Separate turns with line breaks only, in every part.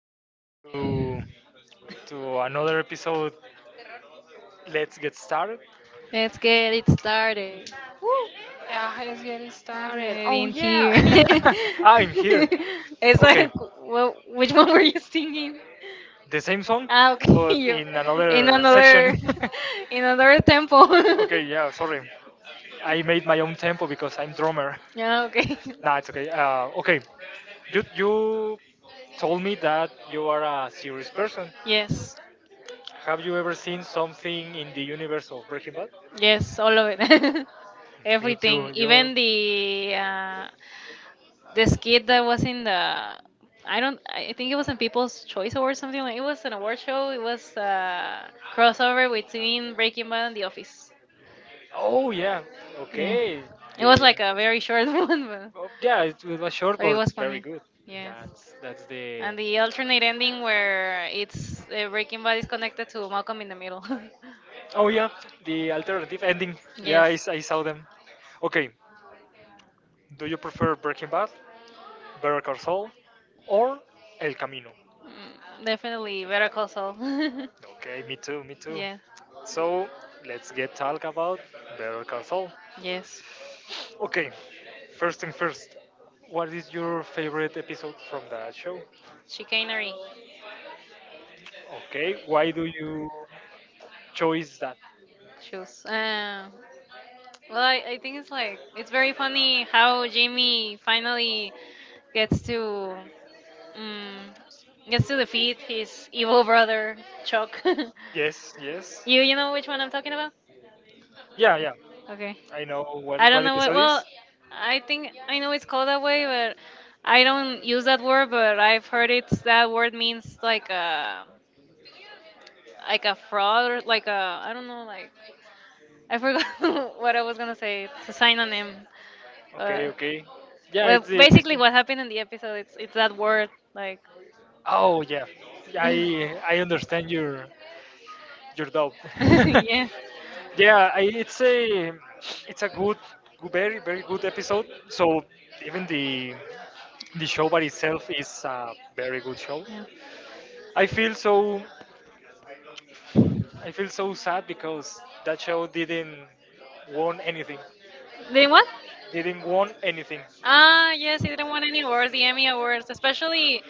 We are going to another episode. Let's get started.
Let's get it started.
Let's get it
Let's
started.
get
Oh
in
yeah.
here.
I'm here.
It's
Okay.
like, well, which one were you singing?
The same song,
Ah, okay,
but
you
in
in
another
another,
section.
in another tempo.
okay. Yeah. Sorry. I made my own tempo because I'm drummer.
Yeah, okay.
Nah, it's okay. Okay. You told me that you are a serious person.
Yes,
Have you ever seen something in the universe of Breaking Bad?
yes, all of it.
Me too.
Everything,
You're...
even the this kid that was in the I don't I think it was in People's Choice Award something like it was an award show. It was a crossover between Breaking Bad and The Office.
Oh yeah.
Yeah,
Okay.
it was
The...
like a very short one,
Oh, yeah, it was short
but it
but
was
very
funny.
good.
Yes.
That's the.
And the alternate ending where it's Breaking Bad is connected to Malcolm in the Middle.
Oh yeah, the alternative ending. Yeah,
Yes.
I saw them. Okay. Do you prefer Breaking Bad, Better Call Saul, or El Camino?
Definitely Better Call Saul.
Okay, me too, me too.
Yeah.
So let's get talk about Better Call Saul.
Yes.
Okay, first thing first. What is your favorite episode from that show?
Chicanery.
Okay, why do you choose that?
Choose. Well, I think it's like it's very funny how Jamie finally gets to um, gets to defeat his evil brother Chuck.
Yes, yes.
You know which one I'm talking about?
Yeah, yeah.
Okay.
I know what
I don't
what
know what.
episode is.
Well, I think I know it's called that way, but I don't use that word. But I've heard it. That word means like a fraud or like a I don't know. Like I forgot what I was gonna say. It's a synonym. Uh,
Okay, okay. Yeah,
well,
it's the
basically, what happened in the episode it's that word like.
Oh, yeah. I understand your doubt.
Yeah.
yeah, it's a good, good, very good episode. So even the show by itself is a very good show.
Yeah.
I feel so. I feel so sad because that show didn't won anything.
Did what?
Didn't won anything.
Ah, yes, he didn't win any awards, the Emmy awards, especially.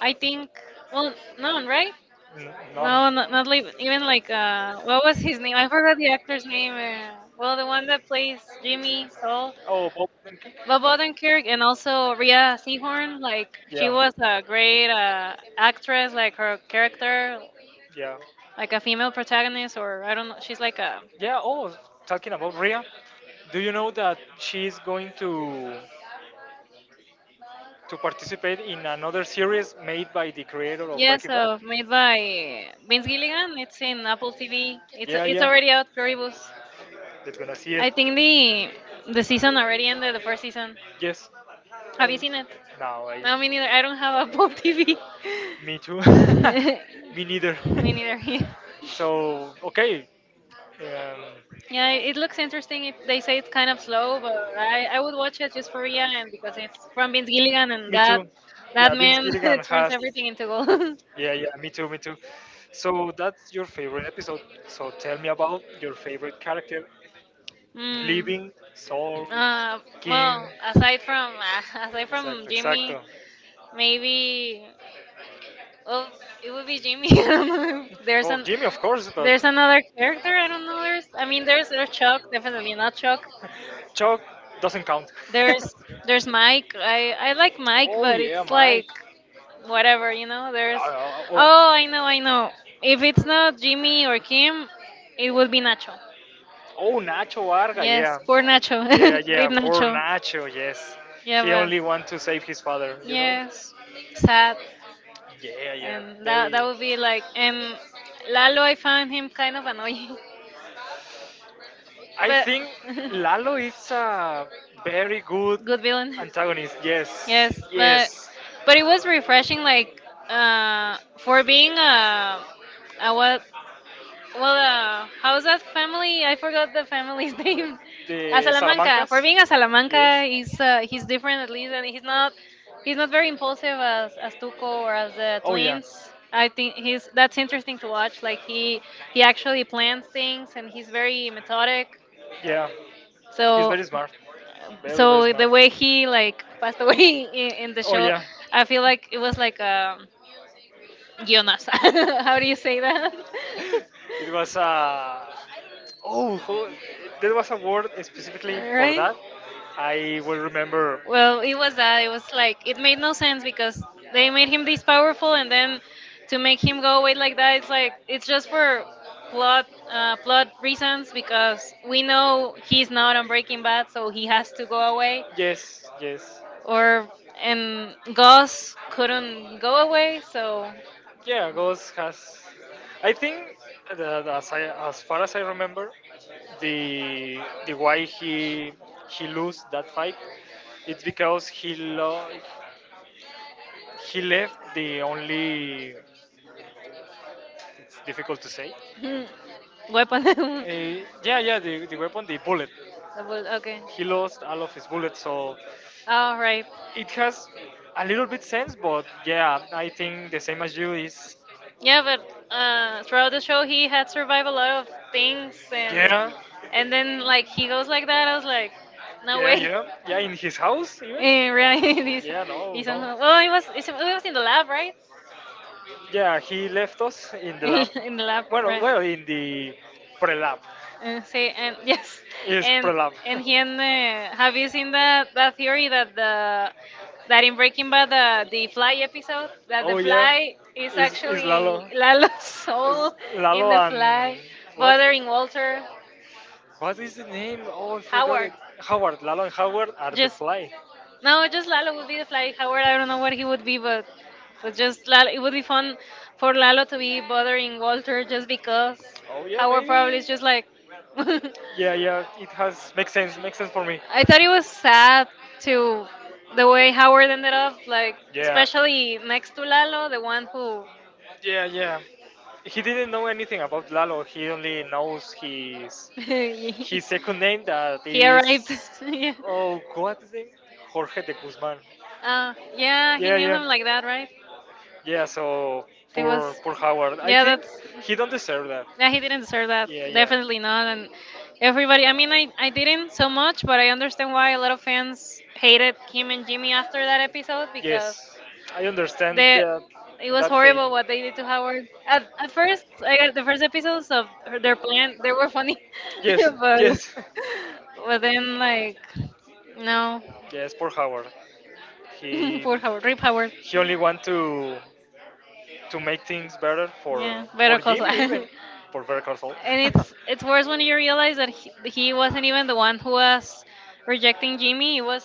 I think. Well, none, right?
None.
No, not, even like what was his name? I forgot the actor's name. Well, the one that plays Jimmy Saul.
Oh, Bob Hope.
Bob Odenkirk and also Rhea Seehorn. Like she
Yeah.
was a great actress. Like her character,
Yeah.
like a female protagonist, or I don't know. She's like a
Yeah. Oh, talking about Ria, do you know that she's going to participate in another series made by the creator of
yes,
Breaking Bad.
made by Vince Gilligan. It's in Apple TV. It's
Yeah,
it's
yeah,
already out. Pluribus.
that's gonna see it.
I think the season already ended. The first season.
Yes. Have
Have
you
you
Um, seen
seen
it?
it?
No, I. No,
No,
me
me neither.
neither.
I
I
don't
don't have
have
Apple
Apple
TV.
TV.
Me too.
Me
Me
neither.
neither.
Me neither.
so okay. Yeah, I
Yeah, it looks
think
interesting. It, they
it
say it's kind of
stays slow,
slow, but
but I,
I would watch
watched it
it
just
just
for
for Ian and
and because
because it's
it's from
from Vince Gilligan
Vietnam.
and
Me
that
too.
that
Yeah, Vince
man
Gilligan
turns
has
everything into gold.
Yeah, yeah, me too, me too. So that's your favorite episode. So tell me about your favorite character,
Mm.
Living, Soul,
Uh,
Kim.
well, aside from aside from
Exacto, exacto.
Jimmy, maybe well, it would be Jimmy. I don't know if there's
Oh,
an
Jimmy, of course, but
there's another character. I don't know. There's I mean there's Chuck, definitely not Chuck.
Chuck doesn't count.
There's Mike. I like Mike,
oh
but
yeah,
it's like
Mike.
whatever, you know, there's
Oh,
Oh,
oh,
I know, I know. If it's not Jimmy or Kim, it would be Nacho.
oh, Nacho Varga,
Yes,
yeah.
poor Nacho.
Yeah,
Yeah,
yeah,
Rip
poor
Nacho.
Nacho, yes.
Yeah,
He
but
only want to save his father, you know?
yes, sad.
Yeah, yeah,
And that
very.
that would be like and Lalo, I found him kind of annoying,
I
but
think Lalo is a very good
good villain.
antagonist, yes,
Yes, but yes.
yes.
But it was refreshing, like for being a what. Well, how's that family? I forgot the family's name. A
The
Salamanca.
Salamancas?
For being a Salamanca, he's
he's different
different at
than me,
least,
and
and
he's not
he's
he's
not
not
very
very impulsive
impulsive
as,
as
as
Tuco
Tuco or
or
as
as
the
the
Oh yeah, teammates
twins.
I
I think he's that's interesting
think
to
to watch.
watch. Like
Like
he
he acts
actually plans things, and
and he's
he's very
really methodic.
methodic.
Yeah. So, he's so
So
very smart. Very. So
so the way he
very
like
by
passed
the way
away
he
in the
the oh
show,
yeah.
I feel like it was like Jonas.
How
How do
do
you
you say
say that?
that? It was a. Oh, there was a word specifically for
right?
that. I will remember. But
Well, it was that. It was like it made no sense because they
they,
made him this powerful, and then to
to me,
make him go away like that, it's like it's
those
just
were
for plot
blood um,
plot reasons
because
because we
we know
know he's not
not
on
on
Breaking
Breaking Bad
Bad, so he
has
has
to
to go
go away.
away.
Yes, yes. Or
Or
um,
and Gus
Ghost couldn't
couldn't go
go away,
away,
so
so
Yeah, Ghost has. I think that as far as I remember, the the why he lose that fight, it's because he left the only. It's difficult to say.
Hmm. Weapon.
Eh, yeah, yeah, the weapon, the bullet.
The bull- okay.
Okay. He lost all of his bullets, so
All right.
right. It has a little bit sense, but yeah, I think the same as you is Yeah,
Yeah,
but
but
bro
throughout the show, he had survived a
a lot
lot
of
of
things
things,
yeah, and
and then
then like
like
he
he goes
goes
like
like that.
that. I
I
was
was
like,
like, no
no
yeah,
way.
yeah, yeah, in his house even.
Eh, right.
Yeah, no,
He's
no.
somehow. Oh, it was it was in
In
the
the
lab,
lab,
right?
right? Yeah, he left us in the lab.
in the lab,
Well,
right?
well, in the pre-lab.
Say and
Yes.
yes,
Is And,
and
Pralab.
and he and have you seen that that theory that the that in Breaking Bad the Fly episode that the
Oh yeah,
Fly is
is
actually
Lalo,
Lalo's
is
soul in
Lalo
the
and
Fly
what?
bothering Walter
What is the name? Oh, I forgot
Howard.
it. Howard, Lalo and Howard are the Yeah.
Just
fly. No,
no, just
just Lalo
Lalo
will
would be
be
the
the fly.
fly. Howard,
Howard
I don't
will
know what he would be, but just Lalo. It would be fun for Lalo to
be
be
bothering
bothering Walter
Walter
just because
Oh yeah,
Howard probably
maybe.
is just like.
Yeah, yeah, it has makes sense. Makes sense for me.
I thought it was sad to the way Howard ended up,
like
like
Yeah.
especially next to
Kulalo,
Lalo, the
the one.
one who
Yeah, yeah. He didn't know anything about Lalo. He only knows his
he
his second name that
he
yeah, it's.
arrived.
Is Yeah.
Yeah.
oh what is it? Jorge de Guzman.
Yeah, he
Yeah, yeah,
knew
yeah,
him
something
like
like
that, right?
yeah. So
He
poor
was.
poor Howard. I yeah.
Yeah,
think
that's.
he don't deserve that.
Yeah, he didn't deserve that.
Yeah. Yeah, yeah.
Definitely not. And
Everyone,
everybody, I mean, I didn't so much, but I understand why a lot of
everyone
fans
hate
hated
him
him
and
and
Jimmy
Jimmy
after
after that
that episode
episode
because Yes,
because
I understand they,
they,
that it
it
was
was
that horrible
horrible
what
what
they
they
did
did
to
to
Howard.
Howard.
At
At first,
first,
the first episodes of their plan, they were
were
funny,
funny. Yes, but
but,
yes,
but then, like, no.
No. Yes. Poor Howard. He
Poor Howard. Rip Howard.
he only want to make things better for
Yeah,
Better call
Better Call Saul.
Jimmy even
And
Saul. For Better Call Saul.
it's worse when you realize that he wasn't even the one who was rejecting Jimmy. It was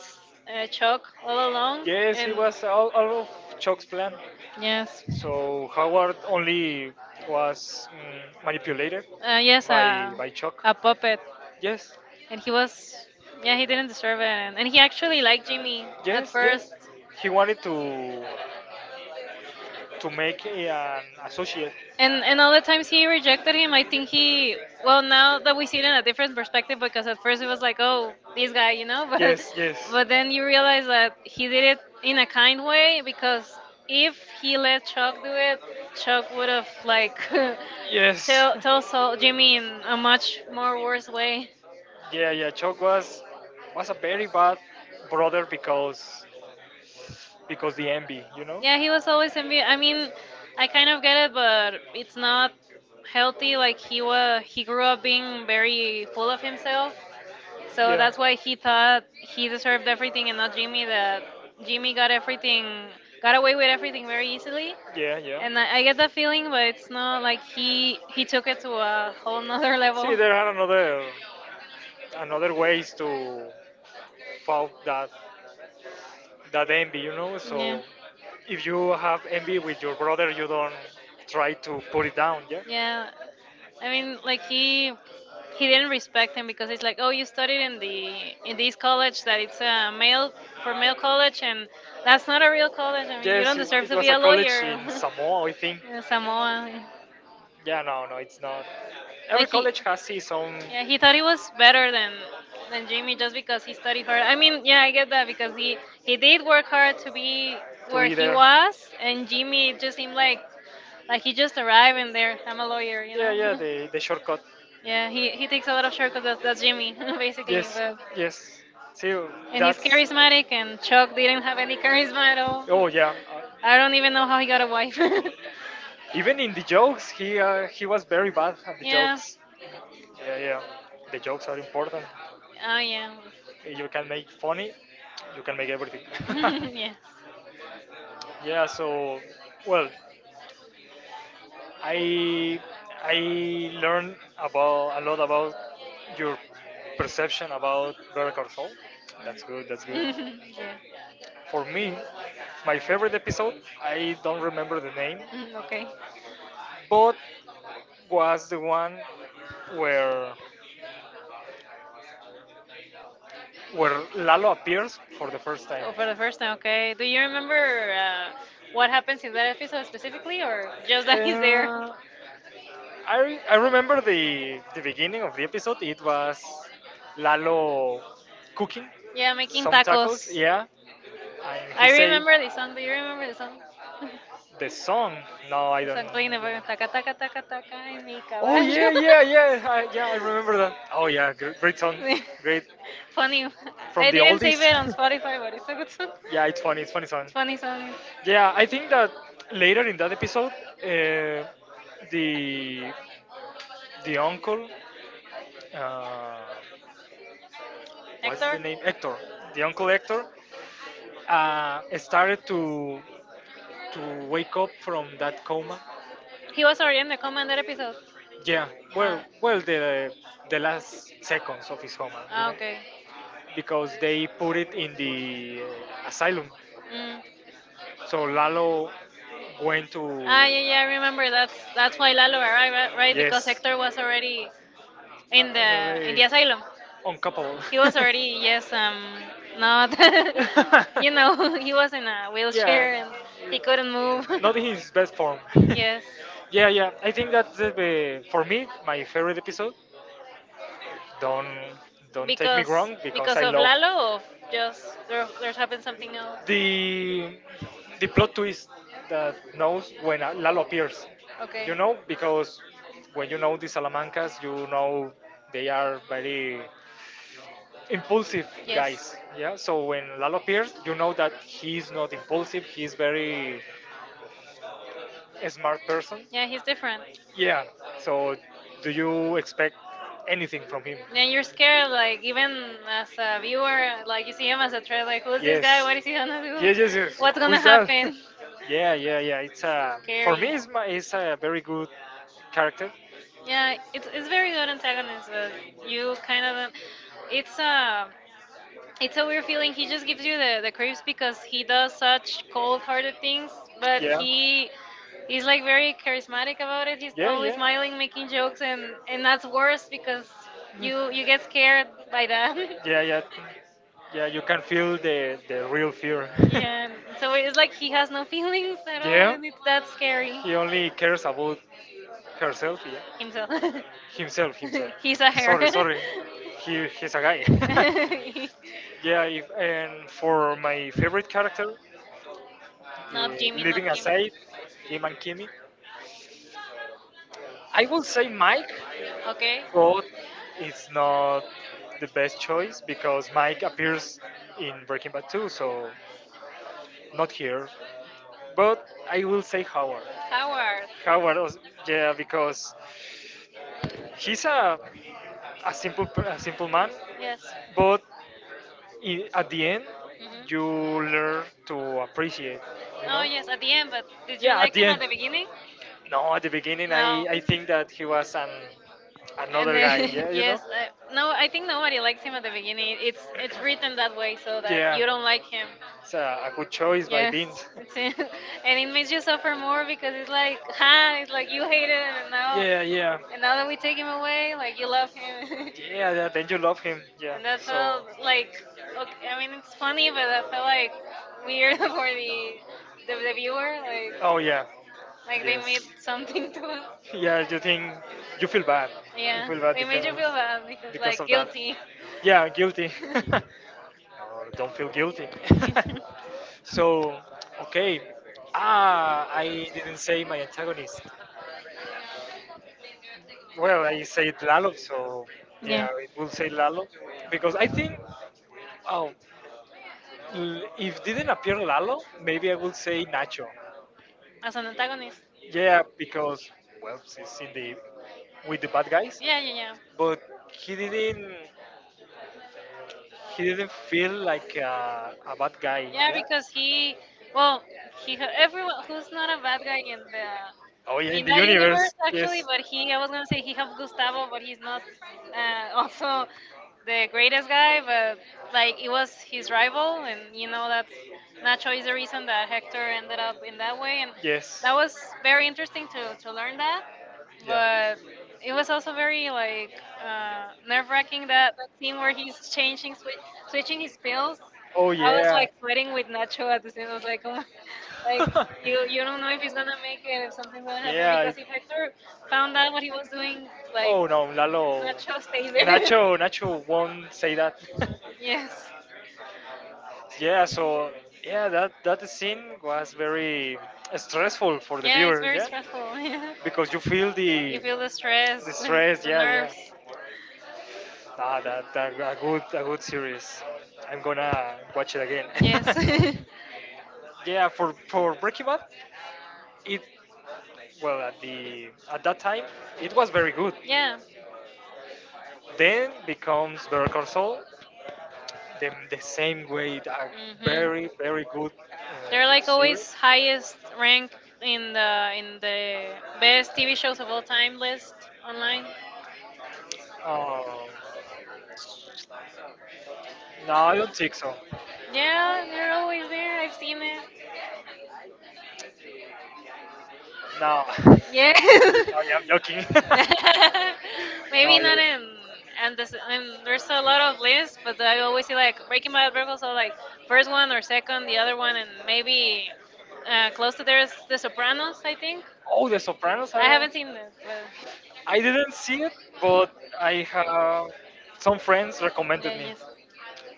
Chuck
Chuck
all
all
along.
along.
Yes, he
And
was all of Chuck's plan. Yes.
yes,
So Howard only was mm, manipulated
uh,
yes.
yes,
by
uh,
by Chuck.
a puppet,
Yes,
and he was yeah he
yeah,
didn't deserve it, and he actually liked Jimmy at
yes,
first.
yes. He wanted to make a, an associate.
And all the times he rejected him, I think he well now that we see it in a different perspective because at first it was like oh this guy you know
Yes, yes. Yes.
but then you realize that he did it in a kind way because if he let Chuck do it, Chuck would have like tell Saul, Jimmy in a much more worse way.
Yeah, yeah. Chuck was a very bad brother because the envy, you know.
Yeah, he was always envy. I mean, I kind of get it, but it's not healthy. Like he was, he grew up being very full
Full
of
of himself.
himself,
So
so
Yeah.
that's
that's why
why he
he thought
thought
he
he
knew
deserved
everything
everything
in
and not
alchemy
Jimmy. That
that he
Jimmy got everything, got away with
knew everything
everything
very
very
easily.
easily,
Yeah, yeah. And
and
that
I get that feeling, but it's not
like
like
he,
he
he
took
took
it
it to
to
a
a whole
whole nother
nother
level. See,
level.
there are another another ways to fight that envy, you know.
Yeah.
So if you have envy with your brother, you don't try to put it down. Yeah. Yeah.
Yeah, I
He
mean, like he didn't respect him because it's like, oh, you studied
didn't
in the in
believe
this college that it's a
that
male for male college, and
That's
that's
not
not
a
a real
real
college.
college.
I mean, you don't
Yes, it,
deserve
it
to
was
be
a
a lawyer.
college in Samoa, I think.
Yeah, Samoa,
Yeah, no, no, it's not. Every
like he,
college has its own.
yeah,
Yeah,
he
he
thought
thought
he
it was
was
better
better
than
than Jimmy
Jimmy just
just because
because
he
he
studied
studied
hard.
hard.
I
I
mean, yeah, I get
get
that
that because
because he
he did
did work
work hard
hard
to
to
be
be
to what
where
be he
he
there. Was,
was,
and
and Jimmy
Jimmy
it just
just
seemed
seemed
like
like
he
he's
just arrived in
there.
there. I'm
I'm
a
a lawyer,
lawyer, you
you Yeah, know. Yeah,
know.
the shortcut. Yeah,
Yeah,
he, he
he
takes
takes a
a
lot
lot
of
of
shortcuts. That's
shortcuts,
Jimmy,
basically.
basically.
Yes,
But
yes. See, yeah,
and he's
that's
charismatic, and
Chuck,
Chuck
we
didn't
don't have
have
any
any
charisma
charisma
at
at
all.
all.
Oh yeah,
I don't even know how he got a wife.
even in the jokes, he was very bad at the yeah.
Yeah.
jokes. Yeah, yeah, the jokes are important.
Oh yeah.
Ah, yeah. You can make funny, you can make everything.
Yes.
yeah, so well, I I learned about a lot about your perception about Better Call Saul. That's good. That's good.
Yeah.
For me, my favorite episode, I don't remember the name,
Mm, okay.
but was the one where where Lalo appears for the first time.
Oh, for the first time, okay. Do you
Remember
remember
what
what
happens
happens in
in
that
that episode
episode
specifically,
specifically,
or
or
just
just
that
that he's there?
Uh, I remember the beginning of the episode. It was Lalo cooking Yeah,
Yeah, making
some tacos.
tacos.
Yeah, and he
I
I
so
say the
remember the
song.
song. Do you remember the song? the
No, I
the
don't.
song playing the background. Taca, taca, taca, taca, en mi Oh
Oh yeah,
caballo.
yeah, yeah, yeah. I remember that. Oh yeah, great, great song, great
Funny. From
from
I
the
didn't
oldies.
save it on oldest. Spotify, but it's a good song.
yeah, it's funny. It's funny
It's
song.
funny song.
Yeah, I think that later in that episode, uh, the the uncle, uh, what's
Hector?
the name? Hector. The uncle Hector started to wake up from that coma.
He was already in the commander episode.
Yeah, well,
Ah,
well, the last seconds of his coma, you
ah
know,
okay.
because they put it in the asylum.
Mm.
So Lalo went to
Ah, yeah, yeah, I remember. That's why Lalo arrived, right? Right? Yes, because
yes,
Hector was already in the in the
Already
asylum.
uncoupled.
He was already yes, not, you know, he was in a
yeah,
wheelchair and he couldn't move.
not his best form.
Yes,
yeah, yeah. I think that the, for me my favorite episode. Don't don't take me wrong because
because
I
of
love
Lalo, or just there, there's happened something else.
the the plot twist that knows when Lalo appears.
Okay.
You know because when you know the Salamancas, you know they are very impulsive
Yes.
guys. Yeah. So when Lalo appears, you know that he's not impulsive. He's very a smart person. Yeah,
Yeah,
he's
he's different.
different. Yeah. So, do you expect anything from him?
And
And
you're
you're
scared,
scared,
like
like,
even
even
as
as
a
a
viewer,
viewer,
like
like,
you
you
see
see
him
him
as
as a
a threat,
threat,
like
like, who's
who's this
this
guy?
Yes. guy?
What
What
is
is
he
he
gonna do?
gonna do? Yes,
Yes.
yes, yes.
What's
What's
gonna
Who's gonna that?
happen?
Happen? yeah, yeah, yeah. It's a for me.
Scary.
It's my, it's a very good character. Yeah,
Yeah,
it's
it's very
very
good
good at kind of
antagonist, but
episode. Like, you
you kind
kind
of
of,
it's
it's a,
a it's
it's
a
a
weird
weird feeling.
feeling. He
He
just
just
gives
gives
you the creeps because he
us
does such
full part,
cold-hearted things,
but
but
Yeah.
he he's like very charismatic about
But
it.
if you
He's
Yeah, start
always
yeah. smiling,
smiling, making
making
jokes,
jokes, and
and that's
that's worse
worse
because
because
Mm. you you
you
get
get scared
scared by
by
that.
that.
Yeah,
Yeah,
yeah, yeah. You can feel the real fear. Yeah.
yeah,
So
so it's
it's
like
like he
he
has
has
no
no
feelings
feelings at
at all.
all,
Yeah,
and it's that
that's scary.
scary. He
He only cares about herself. Yeah,
himself.
Himself. Himself, himself. He's
He's
a
a
her.
hair.
Sorry, her. Sorry. He's a guy.
yeah,
yeah, if and for my favorite character, Love
not
leaving aside Jim and Kimmy, I will say Mike
Okay.
Rod is not the best choice because Mike appears in Breaking Bad 2, so not here. But I will say Howard.
Howard.
Howard, was- yeah, because he's a a simple man,
Yes.
but I at the end you learn to appreciate, you know.
Oh yes, at the end. But did
Yeah, at the end.
beginning?
No, at the beginning, I think that he was an
And
another guy.
then
Yeah, you Yes, know.
yes,
Yes. No,
no,
I
I
think
think
nobody
nobody
likes
likes
him
him
at
at the
the beginning.
beginning.
It's
It's
it's
it's
written
written that
that way
way
so
so
that
that
Yeah, you
you
don't
don't
like
like
him.
him.
It's a good choice by Yes.
Yes,
Beans.
it's in,
Yeah. And
and
it
it
makes
makes
you
you
suffer
suffer
more
more
because
because
it's
it's
like,
like,
ah,
ha,
it's
it's
like
like
you
you
hated
hate
him,
him,
and now yeah, yeah,
and
now
now
that
that
we
we
take
take
him
him
away,
away,
like
like
you
you
love
love
him.
him.
yeah, yeah. Then you love him. Yeah.
and
And
that
that's so
felt
all
like
like okay,
okay, I
I mean
mean
it's
it's
funny
funny, but
but
that
that's so
felt like
like weird
weird for
for the
the the,
the,
the
the
viewer.
viewer, like oh yeah,
Like
like
they made
yes. Something
something to us.
yeah, you think you feel bad. You
Yeah,
feel bad
they made
because
you feel bad because like
like of that.
guilty.
Yeah, guilty. Oh, don't feel guilty. so, okay. Ah, I didn't say my antagonist. Well, I said Lalo, so yeah,
yeah,
it will say Lalo because I think, oh, if didn't appear Lalo, maybe I will say Nacho.
as an antagonist.
Yeah, because well, she's in the with the bad guys,
Yeah, yeah, yeah,
but he didn't he didn't feel like a bad guy.
yeah.
Yeah.
Because he, well, he everyone who's not a bad guy in the
Oh yeah,
in
in the
that
universe,
universe
yes.
actually but he I was gonna say he helped Gustavo but he's not also the greatest guy but like it was his rival and you know that's Nacho is the reason that Hector ended up in that way and
Yes.
that was very interesting to learn that
Yeah.
but it was also very like nerve-wracking that scene where he's changing switching his pills.
Oh yeah.
I was
yeah.
like sweating with Nacho at the scene. I was like oh my, like you don't know if he's gonna make it, if something's gonna happen because if Hector found out what he was doing, like
Oh no, Lalo.
that show stays there.
Nacho, Nacho won't say that.
yes.
Yeah, so yeah, that scene was very stressful for the
Yeah, it's
viewer,
very
yeah,
stressful.
because you feel
you
the
feel the stress,
stress,
the
yeah, yeah.
nerves.
That a good series. I'm gonna watch it again.
Yes.
Yeah, for Breaking Bad, it well at the at that time it was very good.
yeah.
Then becomes Better Call Saul, the same way, a
Hmm.
very very good
They're like
series.
always highest ranked in the best TV shows of all time
Best
list online.
Um, no, I don't think so.
Yeah, they're always there. I've seen it.
No.
Yeah.
No, yeah, I'm joking. Maybe
Maybe
no, yeah.
not in, and this and there's a lot of lists, but I always see like Breaking Bad Virgos are like
like
first one or second, the other one, and maybe
Uh,
close to there is The Sopranos, I think.
oh, The Sopranos. I
I
do not
haven't seen that, but
I didn't see it, but I have some friends
yeah,
recommended me,
yes.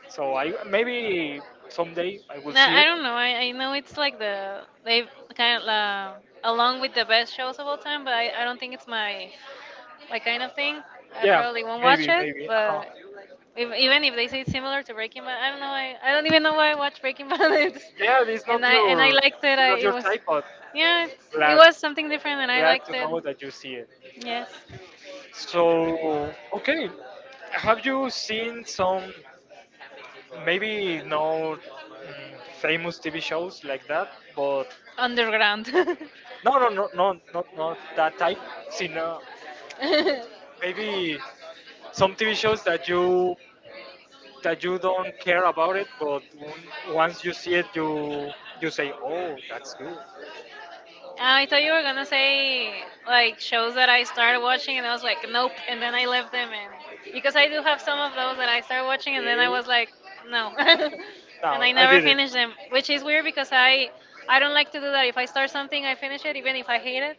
so I maybe someday I
No,
will
see
see
I it.
it.
Don't know. I know it's like the they kind of along with the best shows of all time, but I don't think it's my kind of thing. I
Yeah,
probably won't watch
maybe,
it,
maybe. Uh-huh.
but if, even if they say it's similar to Breaking Bad, I don't know. I don't even know why I watched Breaking Bad. It's-
Yeah, it's not
and I your, liked it.
it's
I
not your
it was
type, but
yeah, it's, it
glad,
was something different, and I
glad to
liked it.
know that you see it.
Yes,
So, okay, have you seen some maybe no famous TV shows like that? But
underground.
no, no, no, no, not not that type. Sino maybe some TV shows that you don't care about it, but once you see it, you say, "Oh, that's good."
I thought you were gonna say like shows that I started watching, and I was like, nope, and then I left them, and because I do have some of those that I started watching, and
Okay.
then I
No.
was like, no,
No,
and I
and I never
never
did put, it.
finished them, which is weird because
Said
I
I
don't like to do that. If I start something, I finish it, even if I hate it.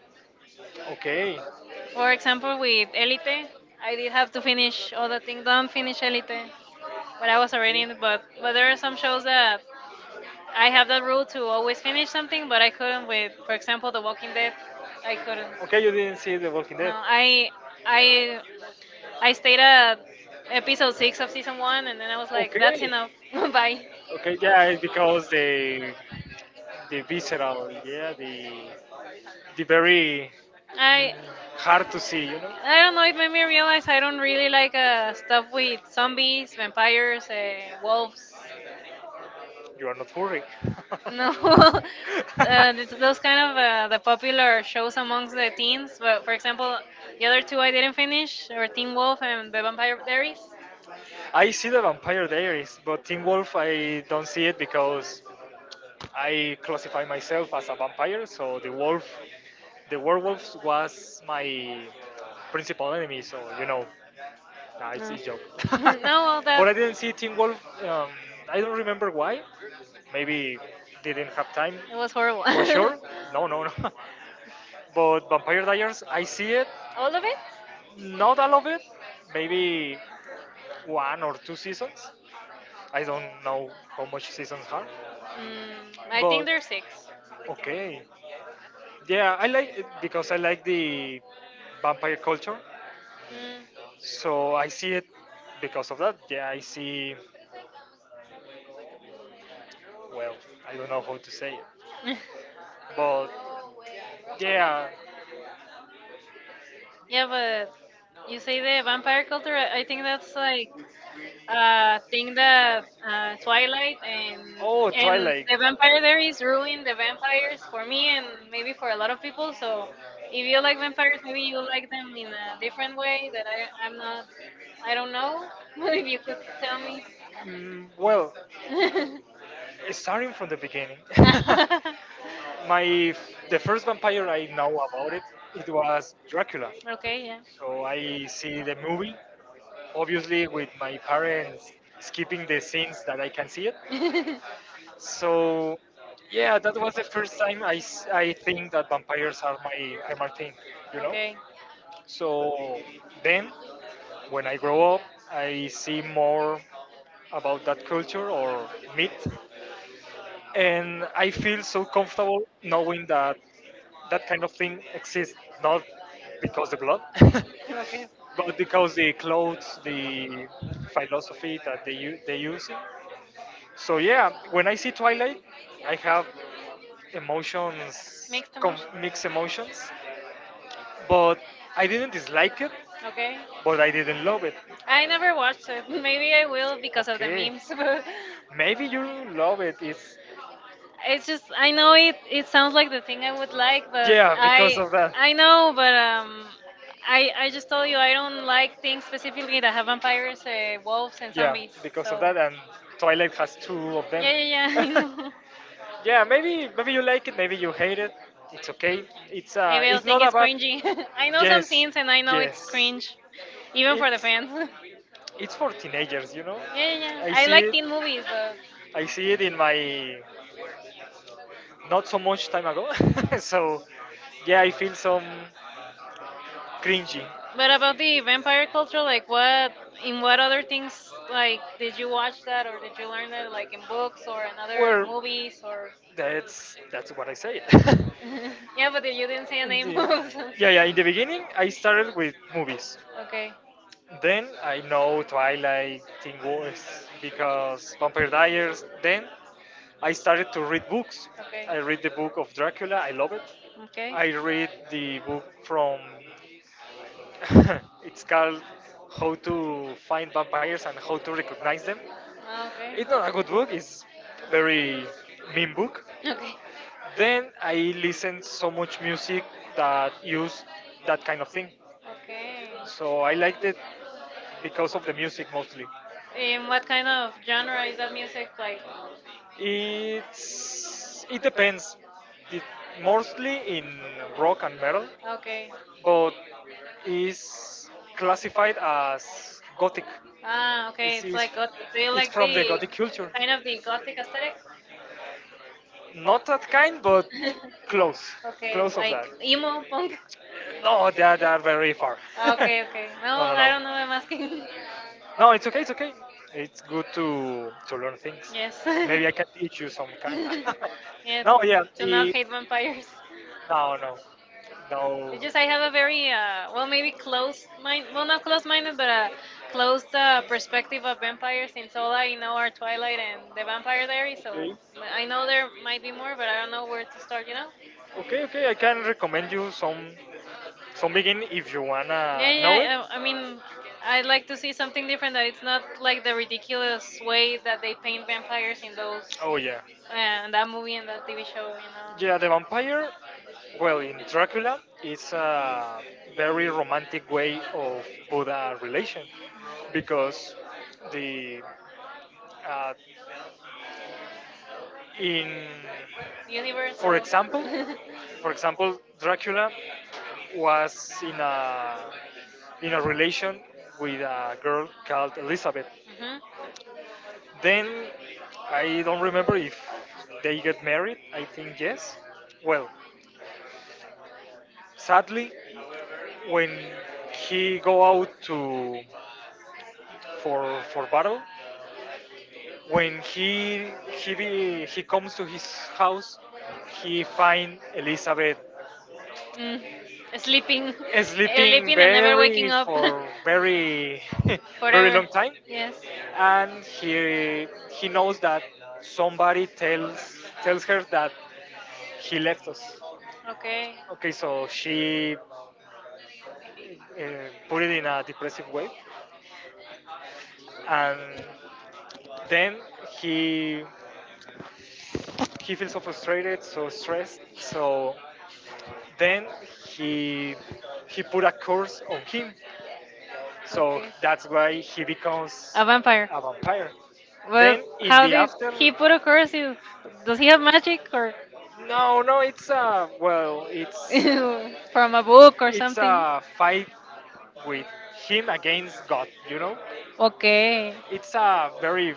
don't, okay. of
For example, with Elite,
I
I
did
did
have,
have to finish all the thing. Don't finish Elite,
but
but
I
I
was,
was already
playing,
in.
but
But
well,
but there
there
are
are some
some shows
shows that
that
I
I have
have the
that
rule
rule to
to always
always finish
finish something,
something,
but
but I
I couldn't
couldn't with,
with,
for
for example,
example, The
The
Walking
Walking Dead,
Dead.
I
I couldn't.
couldn't. Okay, you didn't see The Walking Dead.
No,
No, I,
I,
I,
I
I,
stayed at episode
episode 6
six of
of season
season
1,
one, and then I was like,
like, I
that's
okay.
enough.
Stopped by,
Bye.
okay, yeah, it's because the visceral, yeah, the very like
I,
hard to see, you know?
I don't know. It made me realize I don't really like stuff with zombies, vampires,
uh,
wolves.
You are not furry.
No, those kind of the popular shows amongst the teens. But for example, the other two I didn't finish, or Teen Wolf and The Vampire Diaries.
I see the Vampire Diaries, but Teen Wolf I don't see it because I classify myself as a vampire, so the wolf, the werewolf was my principal enemy. So you know, nah, it's
No,
a joke.
no, well, that
But I didn't see Teen Wolf. Um, I don't remember why. Maybe didn't have time
it was horrible.
for sure. No, no, no. But Vampire Diaries, I see it. All
All
of
of it?
it? Not all of it. Maybe one or two seasons. I don't know how much seasons are.
Mm, I think
But
there's six.
okay. Yeah, I like it because I like the vampire culture.
Mm.
So I see it because of that. Yeah, I see well, I don't know how to say it, but yeah, yeah,
Yeah, but
but you
you say
say
the vampire
vampire
culture.
culture.
I
I
I
I
think
think that's
that's
like
like a thing that Twilight
Twilight, and oh, and
and
Twilight, the
the vampire
vampire
there
there is
is
ruined.
ruined
The
the
vampires
vampires for
for me
me
and
and maybe
maybe
for
for
a
a
lot
lot
of
of people.
people.
So
So if
if
you
you like
like vampires,
vampires, maybe
maybe
you
you
like
like
them
them in
in a
a different
different
way
way
that
that I
I'm
I'm not.
not.
I
I don't
don't know
know if
if
you
you
could
could tell
tell
me.
me.
Well, uh, starting from the beginning, my the first vampire I know about it was Dracula.
okay,
So I see the movie,
yeah.
obviously with my parents skipping the scenes that I can see it.
Did.
So yeah, that was the first time I think that vampires are my thing, you know. So then, when I grow up, I see more about that culture or myth. And I feel so comfortable knowing that that kind of thing exists, not because the blood,
Okay.
but because the clothes, the philosophy that they they using. So yeah, when I see Twilight, I have emotions,
Mixed.
mixed emotions, but I didn't dislike it,
Okay.
but I didn't love it.
I never watched it. Maybe I will because of the
Okay,
memes. but
maybe you love it. It's
it's just I know it it sounds like the thing I would like,
like,
but
yeah, because
I
of
because
that.
I know, but I just told you I don't like things
Like
specifically that have vampires,
uh,
wolves, and
yeah,
zombies.
because
So
Of that, and Twilight has two of them.
yeah, yeah, yeah.
Yeah,
I then.
yeah, yeah.
know.
Yeah, maybe maybe you like it, maybe you hate it. It's okay.
Maybe I'll
It's not
think
just
it's
about.
cringy. I know some scenes, and I know yes. It's
Yes,
cringe, even
yes.
for the fans. yeah,
It's for teenagers, you know.
yeah, yeah, yeah. You
I yeah,
I They
see
like
like it.
teen movies,
I see it in my not so much time ago. So yeah, I feel some. Cringy.
but about the vampire
But also,
culture,
like,
like what in what other
things
things like
like, did
did you
you watch
watch that
that or
or
did
did you
you learn
learn that
it like
like
in
in
books
books
or
or in other
another
movies
movies or?
or
That's what I said. Yeah,
Yeah, but
but then
you
you
didn't
didn't say
say
In
any
any
movies.
books. Yeah, yeah. In the beginning, I
Okay.
started with movies.
Okay.
Okay. Then I know Twilight, Teen Wolf, because Vampire Diaries. Then I started to read books.
Okay.
I read the book of Dracula. I love it. I read the book from it's called How to Find Vampires and How to Recognize Them.
Ah,
It's not a good book. It's very
okay.
mean book.
Okay.
Then I listened so much music that used that kind of thing.
Okay.
So I liked it because of the music mostly.
In
And what
what kind
kind of
of genre
genre
is
is
that
that music
music like?
like? It's it depends. It, mostly in rock and metal,
Okay.
okay. But is classified as gothic.
Ah,
Ah, okay.
okay. It's like
Like
gothic.
gothic.
Do
So
you
you it's
like
like from
the
the gothic culture.
kind
Kind of
of the
the
gothic
gothic
aesthetic?
aesthetic? Not that kind, but close,
Okay,
close of
like
that.
that. Emo punk.
No, they are very far. no, no,
Okay, okay. No,
no, no. Claro,
I don't know. I'm
no,
asking.
no, it's okay, it's okay. It's good to learn things.
Yes.
Yes. Maybe I can teach you some kind.
yeah.
No, yeah,
Do not
the
hate vampires.
no, no, no.
It's just I have a very well maybe
Well,
close mind well
well,
not close minded but a
uh,
closed perspective of vampires since all I know
so
are Twilight and The Vampire Diaries so
okay.
I know there might be more but I don't know where to start you know.
Okay, okay, I can recommend you some begin if you
Yeah
wanna
yeah
know it.
I I mean I'd like to see something different that it's not like the ridiculous way that they paint vampires in those
Oh yeah.
yeah. In that movie and that TV show you
Yeah, the
know
vampire. Well, in Dracula, it's a very romantic way of Buddha relation because the uh, in
universe
for
world.
example Dracula was in a relation with a girl called Elizabeth.
hmm.
Then I don't remember if they get married, I think yes. Well, sadly, when he go out to for battle, when he he comes to his house, he find Elizabeth
Mm. Sleeping, sleeping
sleeping
and never
very
waking up
for very very
forever.
long time.
Yes.
And he knows that somebody tells her that he left us.
Okay.
Okay, so she put it in a depressive way. And then he he feels so frustrated so stressed, so then he he put a curse on him, so
Okay.
that's why he becomes
A vampire.
a vampire.
Well,
Then in
how
the
did
after,
he put a curse? In- Does he have magic or
no, no, it's a well,
from a book or
it's
something?
a fight with him against God. You know,
Okay.
it's a very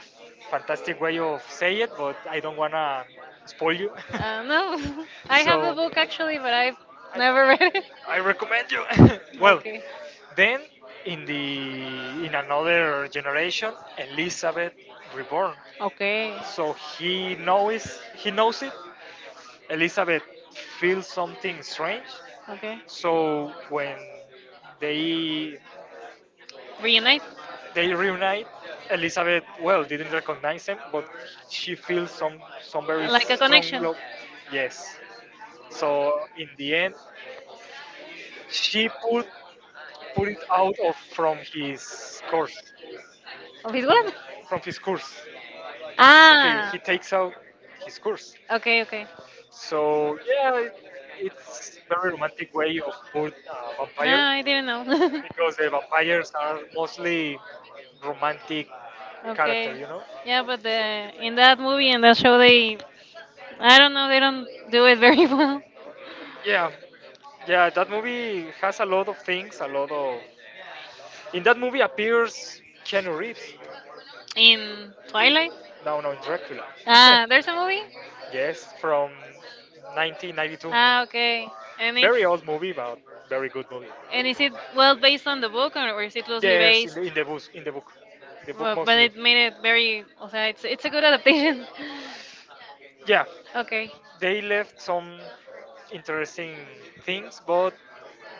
fantastic way of say it, but I don't wanna spoil you.
No, I have the
So
book actually, but I've
I,
never read it.
I recommend you. Well,
Okay.
then in the in another generation, Elizabeth reborn.
Okay.
So he knows it. Elizabeth feels something strange.
Okay.
So when they
Reunite.
they reunite, Elizabeth well didn't recognize him, but she feels some very like
Like a
strong
connection.
love. Yes. So in the end, she pulled it out of from his course,
Of his what?
from his course. Okay, ah,
Ah.
he takes out his course.
Okay, okay.
So yeah, it, it's very romantic way of put vampire
Ah, I didn't know.
because the vampires are mostly romantic character,
Okay.
you know. Yeah,
Yeah,
but
but the,
the
in that movie and that show, they, I don't know, they don't do it very well.
yeah, yeah. That movie has a lot of things. A lot of in that movie appears Keanu Reeves.
In
In Twilight,
Twilight?
no, no, in Dracula. Ah,
Ah, there's a
movie.
movie?
Yes, from 1992.
Ah, okay. And it's,
Very old movie, but very good movie.
and is it well based on the book or is it loosely
Yes, in
based?
the in the book
Well, but
mostly.
it made it very, o sea, it's a good adaptation.
Yeah,
okay.
they left some interesting things, but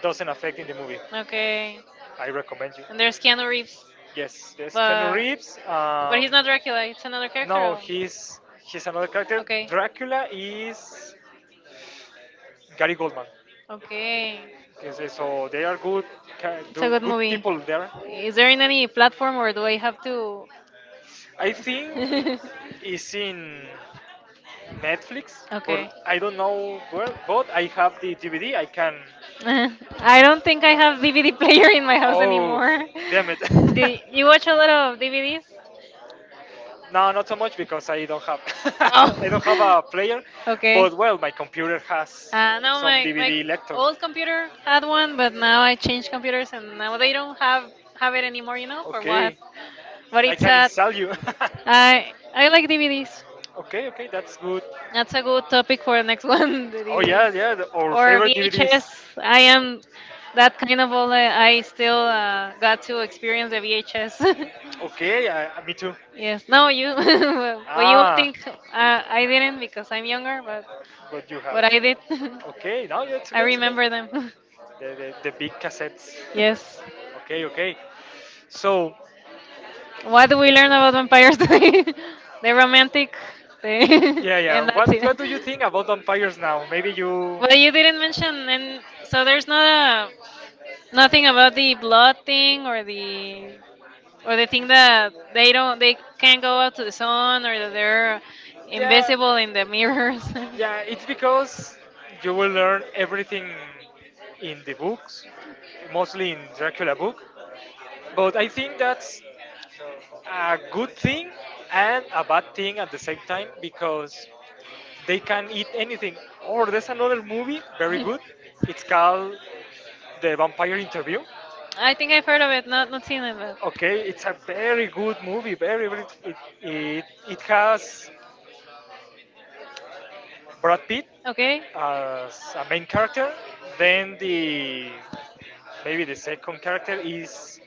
doesn't affect in the movie.
Okay.
I recommend you.
And there's Keanu Reeves.
Yes, yes. Keanu
But
Reeves.
but he's not Dracula, it's another character.
No,
Or-
he's another character.
Okay.
Dracula is Gary Goldman.
Okay.
Is it- So
Yes,
they are good,
it's a good
good
movie.
people there.
Is there in any platform or do I have to
I it's in Netflix,
Okay.
but
I
I don't know
don't
where. But I have the DVD. I can.
think I have DVD player in my house
Oh,
anymore.
damn it!
Do you watch a lot of DVDs?
No, not so much because I don't have. I don't have a
Oh,
player,
okay.
but well, my computer has
No,
some
my, my
DVD lector.
old computer had one, but now I changed computers and now
They
they don't
don't have
have
it
it
anymore,
anymore,
you
you know,
know. For
for what?
okay, what?
But
But I it's
it's
can that-
sad.
install you.
I like DVDs.
Okay, okay, that's good.
That's a
That's
good topic for the next one, the
oh yeah,
DVDs
yeah, the- our Or
or
favorite DVDs. VHS.
VHS. I am
That's
that kind of old. I still got
to
to
experience
experience
the
the VHS.
VHS. Okay, I, me too. I mean,
Yes, no, you, but you would
Think
think
I'm
I didn't because I'm
younger,
younger, but
but you have.
what
But
I did,
I, okay, now yeah, it's I
I
okay. It's
remember them.
remember. Okay. The big cassettes.
Yes.
Yes. Okay, okay. So, what-
What do we learn about vampires today? They're romantic, they,
Yeah,
and
yeah.
that's
What
it.
do you think about vampires now? Maybe you.
But you didn't mention, and so there's not a, nothing about the blood thing or the thing that they don't they can't go out to the sun or that they're
Yeah,
invisible in the mirrors.
yeah. It's because you will learn everything in the books, mostly in Dracula book. But I think that's a good thing and a bad thing at the same time because they can eat anything. Or there's another movie, very good. It's called The Vampire Interview.
I think I've heard of it, not not seen it, but
Okay, it's a very good movie. Very, very it it has Brad Pitt
okay.
as a main character. Then the maybe the second character is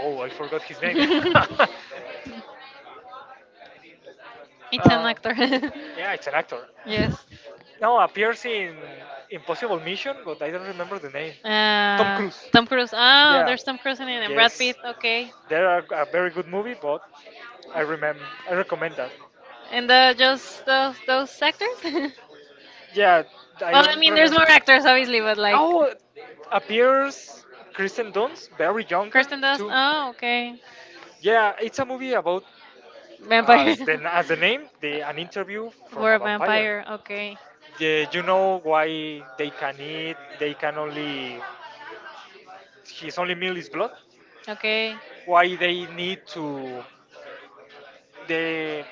oh I forgot his name. uh,
it's an actor.
yeah, it's an actor.
yes.
No, appears in Impossible Mission, but I don't remember the name. Tom
Uh,
Cruise.
Tom Cruise. Oh,
Yeah.
there's Tom Cruise in it and Brad
Yes.
Pitt. Okay.
They are a very good movie, but I remember I recommend that.
And the
Those
just
those those
those actors. well,
actors? Yeah, I no, I
I
don't mean there's
mean, there's
remember.
more
More actors
actors obviously, but
like
like.
oh, appears Kristen Dunst, very younger
Kirsten
Kristen Dunst.
Dust.
Too. No,
Oh, okay.
yeah, it's a movie about remember
Vampire.
as the name, the an interview from
For
for a
a
vampire. Vampire.
vampire. Okay.
Yeah, you know why they can eat? They can only his only meal is blood. Okay.
Okay.
Why they need to? They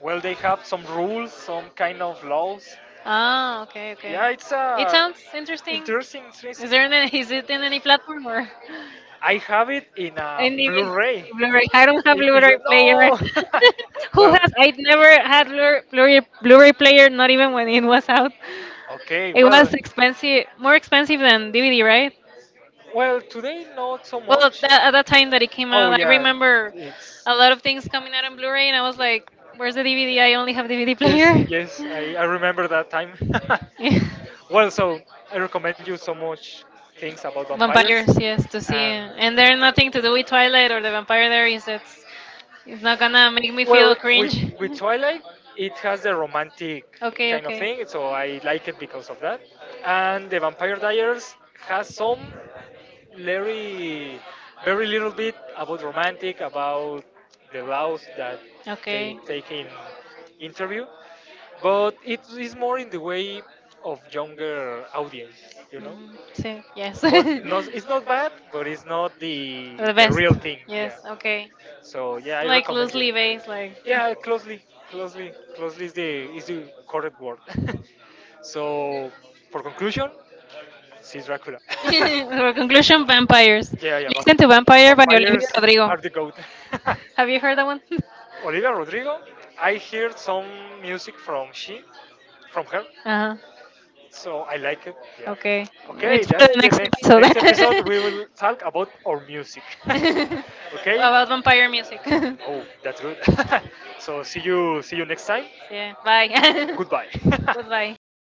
well, they have some rules, some kind of laws.
Ah, okay, okay.
Yeah, it's
It
a
sounds interesting.
interesting,
Is
interesting.
there any, is it in any platform or
I have it in a
any
Blu-ray.
Blu-ray? I don't have Blu-ray player.
No.
Who
Well,
has? I never had Blu-ray player. Not even when it was out.
okay,
It
well,
was expensive, more expensive than DVD, right?
well, today not so
Well, at
much.
at that time that it came
Oh
out, I
yeah,
remember
it's
a lot of things coming out on Blu-ray, and I was like, "Where's the DVD? I only have DVD
yes,
player."
yes, I remember that time.
Yeah.
Well, so I recommend you so much things about vampires,
Vampires, yes, to see,
and
and they're nothing to do with Twilight or the Vampire Diaries. It's not gonna make me
well,
feel cringe.
with Twilight, it has the romantic
okay,
kind of
okay,
thing, so I like it because of that. And the Vampire Diaries has some very very little bit about romantic about the laws that they
okay.
take in interview but it is more in the way of younger audience you know
Mm, see, yes.
but
the
not, it's not bad but it's not the
best.
real thing yeah
Yes, okay.
so yeah I
Like
recommend you
loosely based, like.
yeah closely closely is the correct word. So for conclusion see Dracula.
Our conclusion vampires.
Yeah yeah.
Listen to Vampire by
Vampires
Olivia Rodrigo.
are the goat.
Have you heard that one?
Olivia Rodrigo, I heard some music from she, from her,
Uh
so I like it.
huh.
Yeah.
Okay.
Okay,
It's for
that's
the
the
next
next episode.
episode.
We will talk about our music. Okay.
About vampire music.
Oh, that's good. So see you next time.
yeah, bye.
Goodbye.
Goodbye.